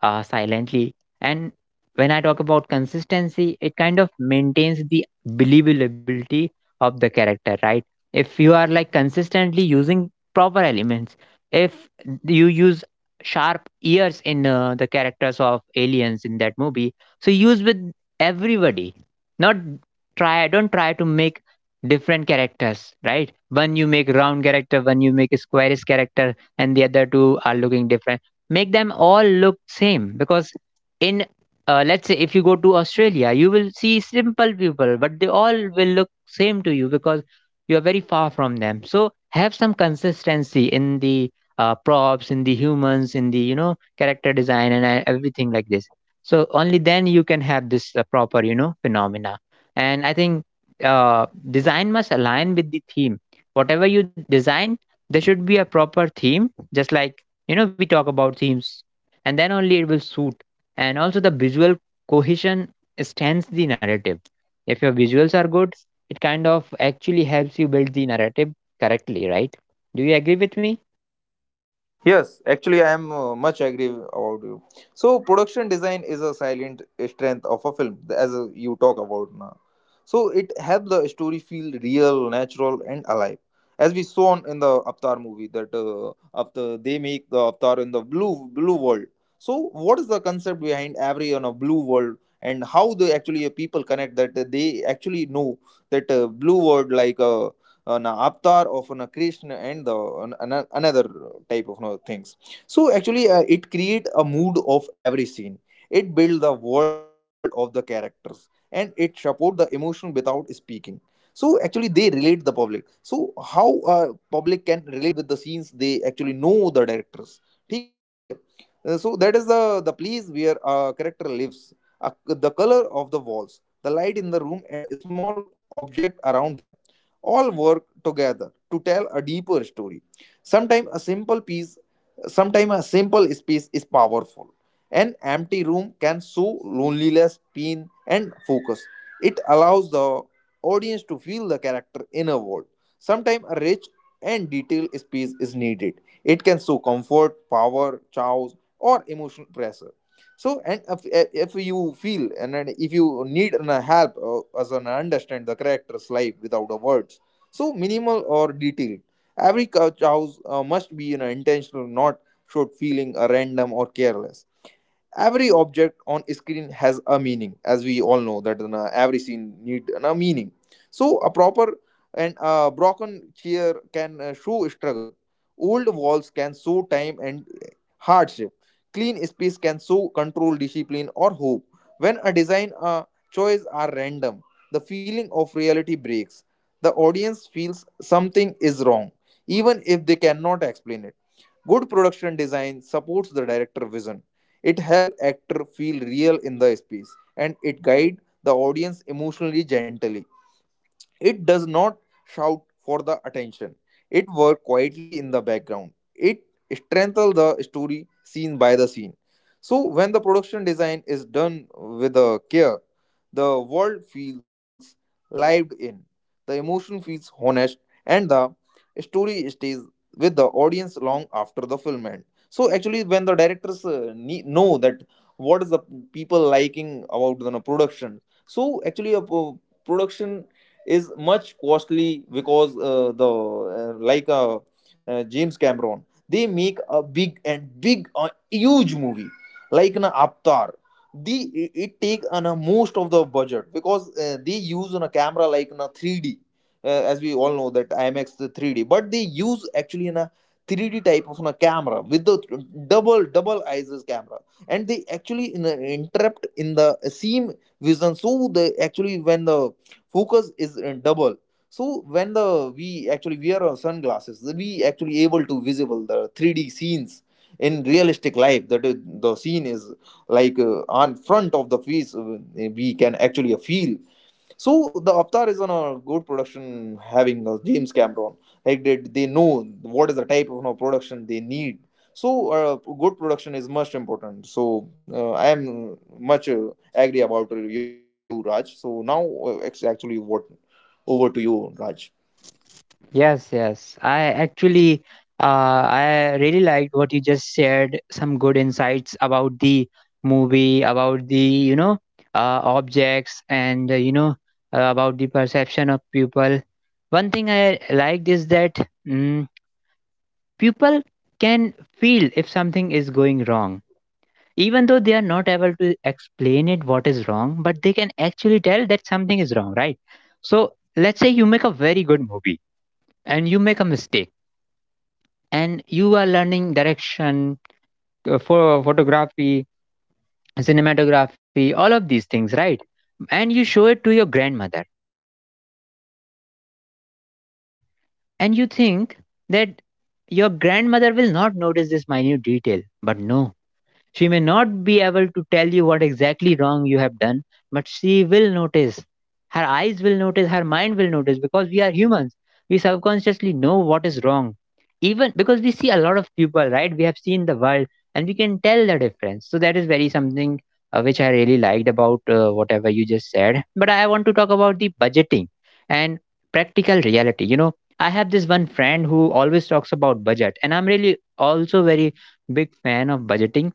Speaker 1: silently. And when I talk about consistency, it kind of maintains the believability of the character, right? If you are like consistently using proper elements, if you use sharp ears in the characters of aliens in that movie, so use with everybody, not, try don't try to make different characters, right? One you make round character, one you make a squarish character, and the other two are looking different. Make them all look same, because in, let's say if you go to Australia, you will see simple people, but they all will look same to you because you are very far from them. So have some consistency in the props, in the humans, in the, you know, character design and everything like this. So only then you can have this proper, you know, phenomena. And I think uh, design must align with the theme. Whatever you design, there should be a proper theme, just like, you know, we talk about themes, and then only it will suit. And also the visual cohesion stands the narrative. If your visuals are good, it kind of actually helps you build the narrative correctly, right? Do you agree with me?
Speaker 2: Yes, actually, I am much agree about you. So production design is a silent strength of a film, as you talk about na. So it helps the story feel real, natural, and alive. As we saw in the Avatar movie, that after they make the Avatar in the blue world. So what is the concept behind every on a blue world, and how the actually people connect that they actually know that blue world like an avatar of an Krishna and the an, another type of, you know, things. So actually it create a mood of every scene. It build the world of the characters and it support the emotion without speaking. So actually they relate the public. So how public can relate with the scenes they actually know the directors ठीक है? So that is the place where a character lives. Uh, the color of the walls, the light in the room, and the small object around them all work together to tell a deeper story. Sometimes a simple piece, sometimes a simple space is powerful. An empty room can show loneliness, pain, and focus. It allows the audience to feel the character in a world. Sometimes a rich and detailed space is needed. It can show comfort, power, chaos, or emotional pressure. So and if you feel and if you need an help as an understand the character's life without the words. So minimal or detailed, every couch house must be, you know, intentional, not short feeling random or careless. Every object on screen has a meaning, as we all know that na, every scene need a meaning. So a proper and a broken chair can show struggle. Old walls can show time and hardship. Clean space can show control, discipline, or hope. When a design choice are random, the feeling of reality breaks. The audience feels something is wrong even if they cannot explain it. Good production design supports the director's vision. It helps actor feel real in the space, and it guides the audience emotionally gently. It does not shout for the attention. It works quietly in the background. It strengthens the story scene by the scene. So when the production design is done with the care, the world feels lived in. The emotion feels honest and the story stays with the audience long after the film end. So actually when the directors know that what is the people liking about the production. So actually a production is much costly because the like James Cameron they make a big and big huge movie like an Avatar. The it it take an most of the budget because they use on a camera like in a 3D, as we all know that IMAX the 3D, but they use actually in a 3D type of a camera with the double double ISIS camera, and they actually in a, interrupt in the same vision. So they actually when the focus is double, so when the we actually wear our sunglasses we actually able to visible the 3D scenes in realistic life. That is, the scene is like on front of the face, we can actually feel. So the Avatar is on a good production, having James Cameron. Like they know what is the type of, you know, production they need. So good production is most important. So I am much agree about you, Raj. So now it's actually what over to you, Raj.
Speaker 1: Yes, yes. I actually, I really liked what you just shared. Some good insights about the movie, about the, you know, objects, and you know, about the perception of people. One thing I liked is that, mm, people can feel if something is going wrong, even though they are not able to explain it what is wrong, but they can actually tell that something is wrong, right? So let's say you make a very good movie and you make a mistake, and you are learning direction for photography, cinematography, all of these things, right? And you show it to your grandmother, and you think that your grandmother will not notice this minute detail, but no, she may not be able to tell you what exactly wrong you have done, but she will notice. Her eyes will notice, her mind will notice, because we are humans. We subconsciously know what is wrong. Even because we see a lot of people, right? We have seen the world and we can tell the difference. So that is very something which I really liked about whatever you just said. But I want to talk about the budgeting and practical reality. You know, I have this one friend who always talks about budget, and I'm really also very big fan of budgeting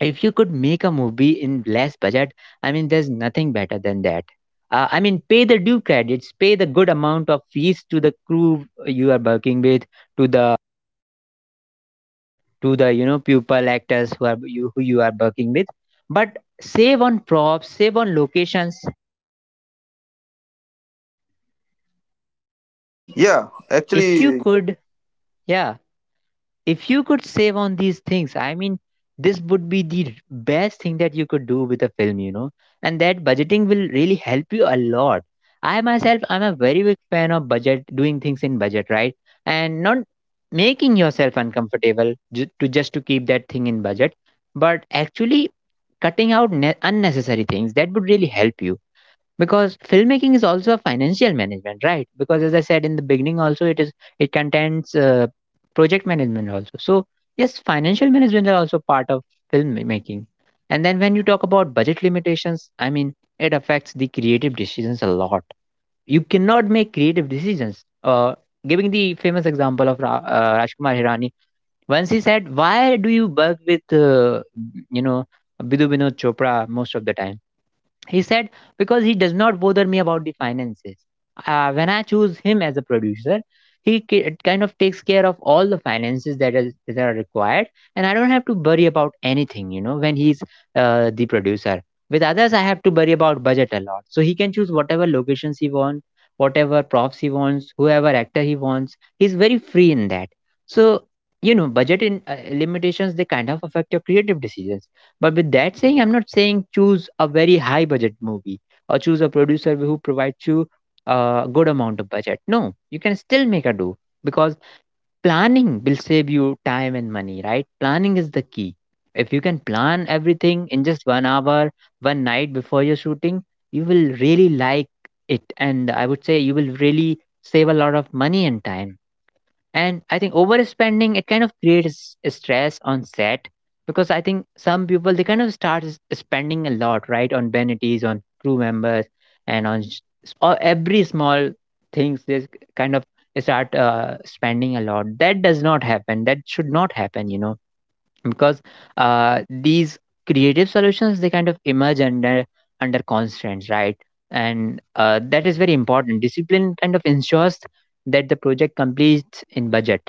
Speaker 1: if you could make a movie in less budget. I mean, there's nothing better than that. I mean, pay the due credits, pay the good amount of fees to the crew you are working with, to the to the, you know, pupil actors who are you who you are working with, but save on props, save on locations.
Speaker 2: Yeah,
Speaker 1: If you
Speaker 2: actually,
Speaker 1: could, yeah, if you could save on these things, I mean, this would be the best thing that you could do with a film, you know. And that budgeting will really help you a lot. I myself, I'm a very big fan of budget, doing things in budget, right? And not making yourself uncomfortable to just to keep that thing in budget, but actually cutting out unnecessary things that would really help you, because filmmaking is also a financial management, right? Because as I said in the beginning also, it is, it contains project management also. So yes, financial management are also part of filmmaking. And then when you talk about budget limitations, I mean, it affects the creative decisions a lot. You cannot make creative decisions, giving the famous example of rajkumar hirani. Once he said, why do you work with you know bidu binod chopra most of the time? He said, because he does not bother me about the finances. When I choose him as a producer, he kind of takes care of all the finances that, is, that are required, and I don't have to worry about anything, you know, when he's the producer. With others, I have to worry about budget a lot. So he can choose whatever locations he wants, whatever props he wants, whoever actor he wants. He's very free in that. So, you know, budget in, limitations, they kind of affect your creative decisions. But with that saying, I'm not saying choose a very high budget movie or choose a producer who provides you a good amount of budget. No, you can still make a do, because planning will save you time and money, right? Planning is the key. If you can plan everything in just 1 hour, one night before your shooting, you will really like it. And I would say you will really save a lot of money and time. And I think overspending, it kind of creates stress on set, because I think some people, they kind of start spending a lot, right, on vanities, on crew members, and on s- or every small things they kind of start spending a lot. That does not happen, that should not happen, you know, because these creative solutions, they kind of emerge under under constraints, right? And that is very important. Discipline kind of ensures that the project completes in budget.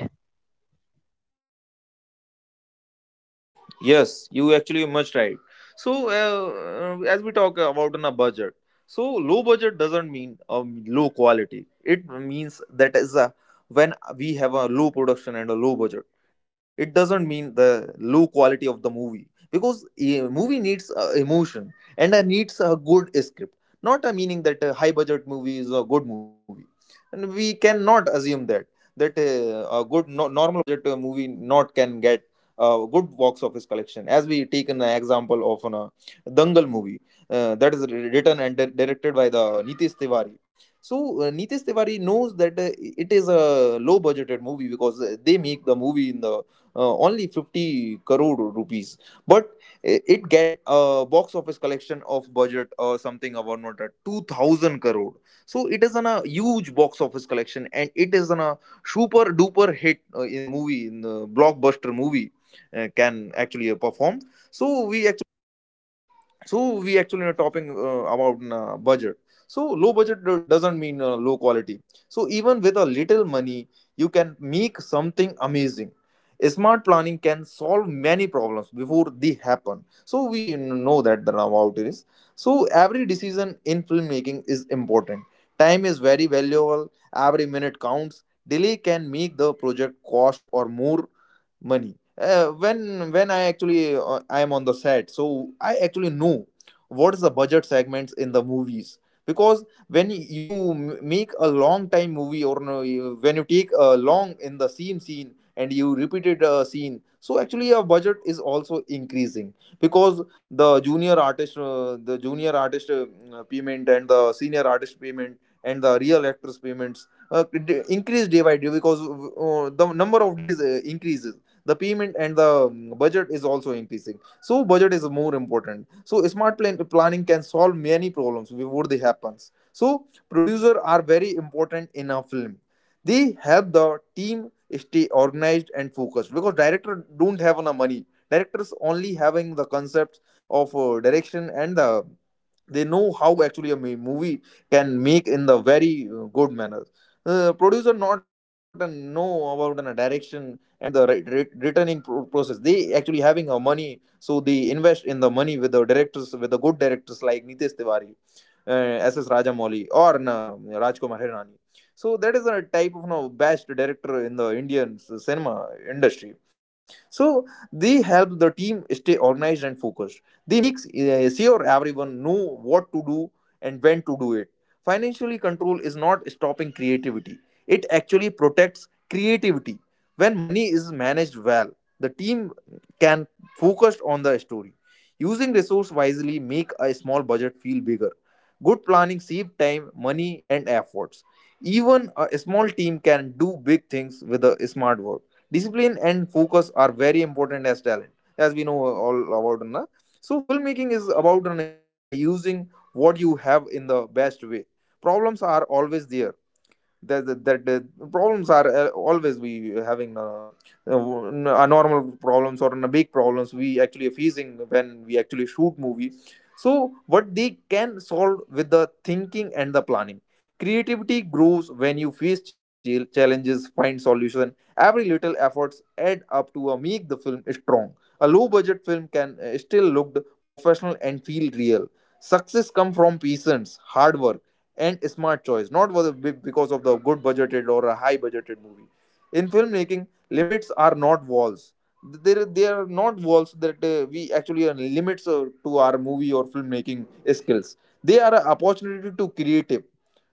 Speaker 2: yes, you actually much right. So, as we talk about on a budget, so low budget doesn't mean low quality. It means that is a when we have a low production and a low budget. It doesn't mean the low quality of the movie because a movie needs emotion and needs a good script, not a meaning that a high budget movie is a good movie. And we cannot assume that that a good no, normal budget movie not can get good box office collection. As we take an example of an Dangal movie that is written and directed by the Nitish Tiwari. So Nitish Tiwari knows that it is a low budgeted movie because they make the movie in the only 50 crore rupees, but it get a box office collection of budget or something about not at 2000 crore. So it is an a huge box office collection and it is an a super duper hit in movie in the blockbuster movie can actually perform. so we actually so we actually are talking about budget. So low budget doesn't mean low quality. So even with a little money, you can make something amazing. Smart planning can solve many problems before they happen, so we know that the about it is. So every decision in filmmaking is important. Time is very valuable, every minute counts. Delay can make the project cost or more money. When I actually I am on the set, so I actually know what is the budget segments in the movies. Because when you make a long time movie or no, when you take a long in the same scene and you repeated a scene, so actually your budget is also increasing. Because the junior artist, payment and the senior artist payment and the real actors payments increase day by day because the number of days increases, the payment and the budget is also increasing. So budget is more important, so smart planning can solve many problems before they happens. So producer are very important in a film. They help the team stay organized and focused, because director don't have enough money. Directors only having the concepts of direction and the they know how actually a movie can make in the very good manner. Producer not know about an direction and the returning process, they actually having a money, so they invest in the money with the directors, with the good directors like Nitesh Tiwari, SS Rajamouli or Na, Rajkumar Hirani. So that is a type of no best director in the Indian cinema industry. So they help the team stay organized and focused, the makes sure everyone know what to do and when to do it. Financially control is not stopping creativity. It actually protects creativity. When money is managed well, the team can focus on the story. Using resource wisely make a small budget feel bigger. Good planning save time, money and efforts. Even a small team can do big things with a smart work. Discipline and focus are very important as talent, as we know all about Na? So filmmaking is about, you know, using what you have in the best way. Problems are always there, that that, that problems are always we having, normal problems or big problems we actually facing when we actually shoot movie. So what they can solve with the thinking and the planning. Creativity grows when you face challenges, find solution. Every little efforts add up to make the film strong. A low budget film can still look professional and feel real. Success come from patience, hard work and smart choice, not because of the good budgeted or a high budgeted movie. In filmmaking, limits are not walls. There, they are not walls that we actually are limits to our movie or filmmaking skills. They are an opportunity to creative.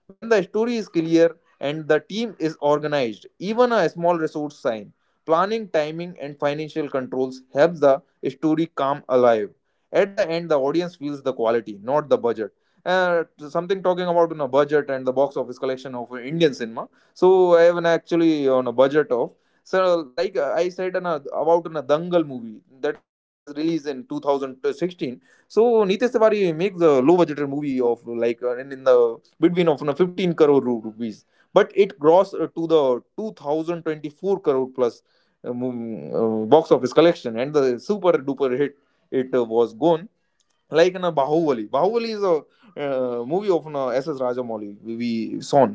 Speaker 2: When the story is clear and the team is organized, even a small resource sign, planning, timing, and financial controls help the story come alive. At the end, the audience feels the quality, not the budget. uh, Something talking about, you know, budget and the box office collection of Indian cinema. So I have an actually on, you know, a budget of, so like I said on about a Dangal movie that is released in 2016. So Nitesh Tiwari makes a low budgeted movie of like in the between of you 15 crore rupees, but it grossed to the 2024 crore plus. uh, Box office collection and the super duper hit, it was gone like in a Bahubali. Bahubali is a movie of an, S.S. Rajamouli, we saw.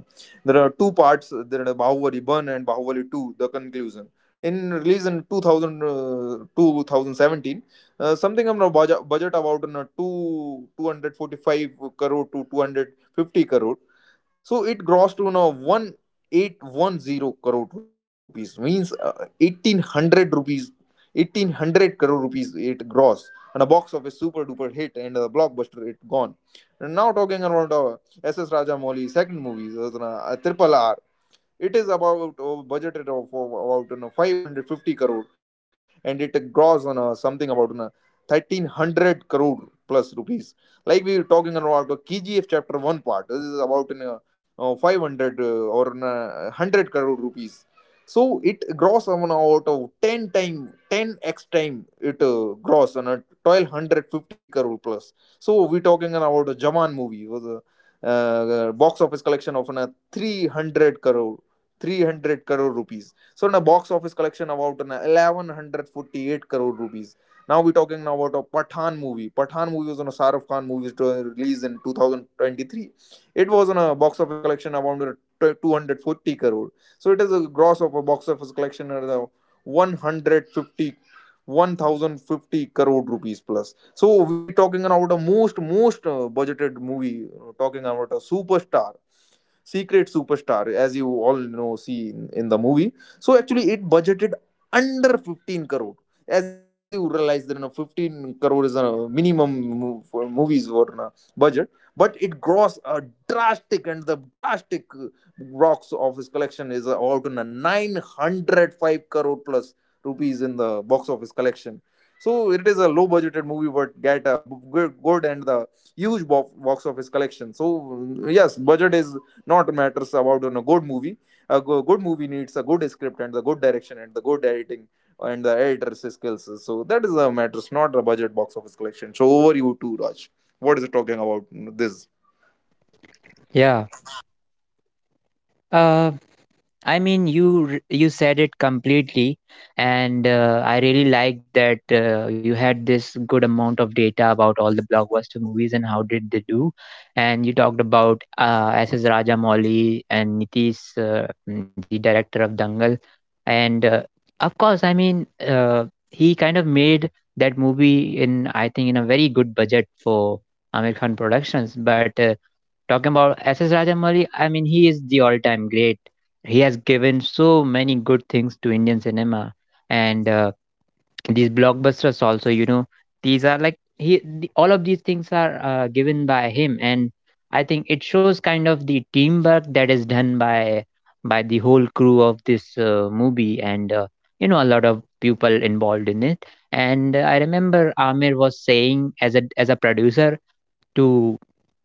Speaker 2: There are two parts. There are Bahubali 1 and Bahubali 2, the conclusion. In release in 2000, 2017, something on budget, budget about 245 crore to 250 crore. So it grossed to now 1810 crore rupees, means uh, 1800 rupees, 1800 crore rupees it gross. And a box of a super duper hit and a blockbuster it gone. And now talking about SS Rajamouli second movie, Triple R. It is about oh, budgeted of about, you know, 550 crore and it grows on something about, you know, 1300 crore plus rupees. Like we were talking about the KGF chapter 1 part. This is about, you know, uh, 500 uh, or you 100 crore rupees. So it grows amount out of 10 time, 10x time it gross on a 1250 crore plus. So we talking about a Jawan movie, was a box office collection of an, 300 crore, 300 crore rupees. So in a box office collection about an 1148 crore rupees. Now we're talking now about a Pathan movie. Pathan movie was on a Saraf Khan movie to release in 2023. It was on a box office collection around 240 crore. So it is a gross of a box office collection at 150 1050 crore rupees plus. So we talking about a most budgeted movie, talking about a superstar, Secret Superstar, as you all know, see in the movie. So actually, it budgeted under 15 crore. As you realize, that you know, 15 crore is a minimum for movies or na budget, but it grossed a drastic and the drastic rocks of his collection is about na 905 crore plus rupees in the box office collection. So it is a low budgeted movie, but get a good, good and the huge box office collection. So yes, budget is not matters about, you know, good movie. A good movie needs a good script and the good direction and the good editing and the editor's skills. So that is the matters, not a budget box office collection. So over you to Raj. What is it talking about this.
Speaker 1: Yeah. uh, I mean, you you said it completely, and I really like that you had this good amount of data about all the blockbuster movies and how did they do, and you talked about S.S. Rajamouli and Nitish, the director of Dangal, and of course, I mean, he kind of made that movie in, I think, in a very good budget for Amir Khan Productions. But talking about S.S. Rajamouli, I mean, he is the all time great. He has given so many good things to Indian cinema. And these blockbusters also, you know, these are like, all of these things are given by him. And I think it shows kind of the teamwork that is done by the whole crew of this movie, and, you know, a lot of people involved in it. And I remember Amir was saying as a producer to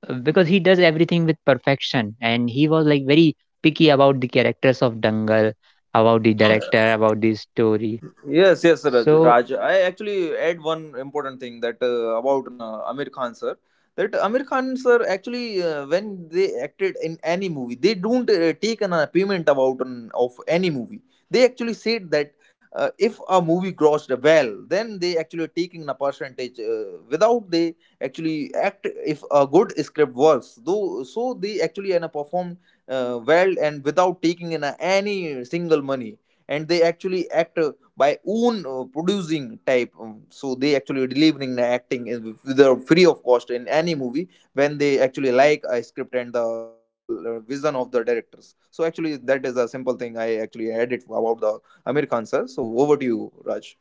Speaker 1: because he does everything with perfection, and he was like very picky about the characters of dangal, about the director, about the story.
Speaker 2: Yes, yes, Raj.
Speaker 1: So
Speaker 2: Raj. I actually add one important thing that about Amir Khan sir. That Amir Khan sir actually when they acted in any movie, they don't take an payment about an, of any movie. They actually said that if a movie grossed well, then they actually are taking a percentage. Without they actually act if a good script works, though, so they actually and performed well and without taking in any single money, and they actually act by own producing type so they actually delivering the acting is the free of cost in any movie when they actually like a script and the vision of the directors. So actually that is a simple thing I actually added about the Amir Khan sir. So over to you, Raj.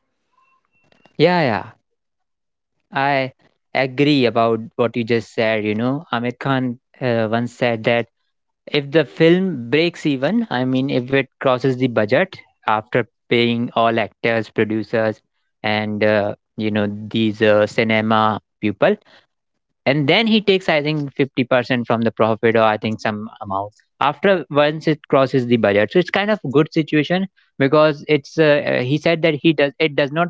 Speaker 1: yeah, yeah, I agree about what you just said. You know, amit khan once said that if the film breaks even, I mean if it crosses the budget, after paying all actors, producers, and these cinema people, and then he takes, I think, 50% from the profit, or I think some amount after once it crosses the budget. So it's kind of good situation, because it's he said that he does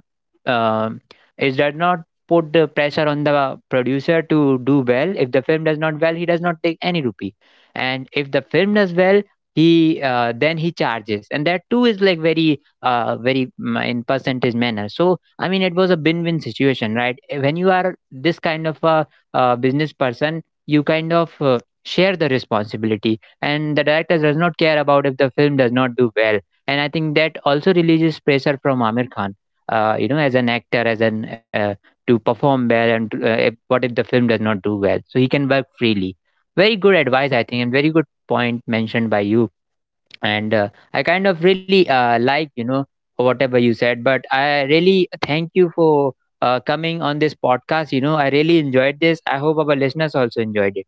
Speaker 1: um it does not put the pressure on the producer to do well. If the film does not well, he does not take any rupee, and if the film does well, he then he charges, and that too is like very in percentage manner. So I mean, it was a win-win situation, right? When you are this kind of a business person, you kind of share the responsibility, and the director does not care about if the film does not do well. And I think that also releases pressure from Amir Khan, you know, as an actor, as an to perform well, and to, if, what if the film does not do well? So he can work freely. Very good advice, I think, and very good point mentioned by you. And I kind of really like, you know, whatever you said, but I really thank you for coming on this podcast. You know, I really enjoyed this, I hope our listeners also enjoyed it.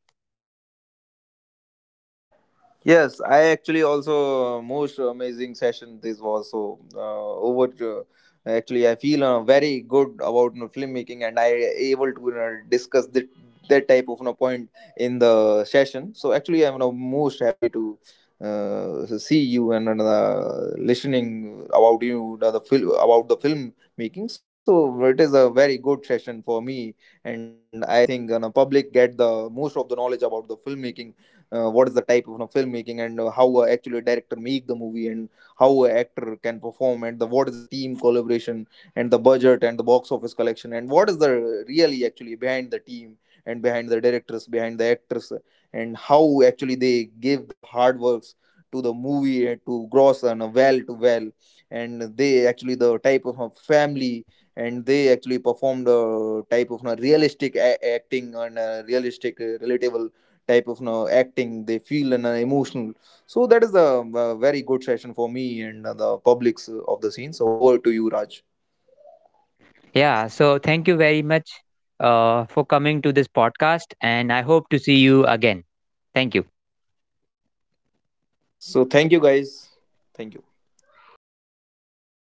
Speaker 2: Yes, I actually also most amazing session this was. So over to, actually I feel very good about, you know, filmmaking and I able to, you know, discuss that that type of, you know, point in the session. So actually I'm, you know, most happy to see you and listening about you the film about the film making. So it is a very good session for me, and I think, you know, public get the most of the knowledge about the filmmaking, what is the type of, you know, filmmaking and how actually a director make the movie and how a actor can perform and the what is the team collaboration and the budget and the box office collection and what is the really actually behind the team and behind the directors, behind the actors, and how actually they give the hard works to the movie and to gross and well to well, and they actually the type of family,
Speaker 1: Yeah,
Speaker 2: and they actually performed a type of realistic acting and realistic relatable type of you acting they feel and emotional. So that is a, very good session for me and the publics of the scene. So over to you, Raj.
Speaker 1: yeah, so thank you very much for coming to this podcast, and I hope to see you again. Thank you.
Speaker 2: So thank you guys, thank you.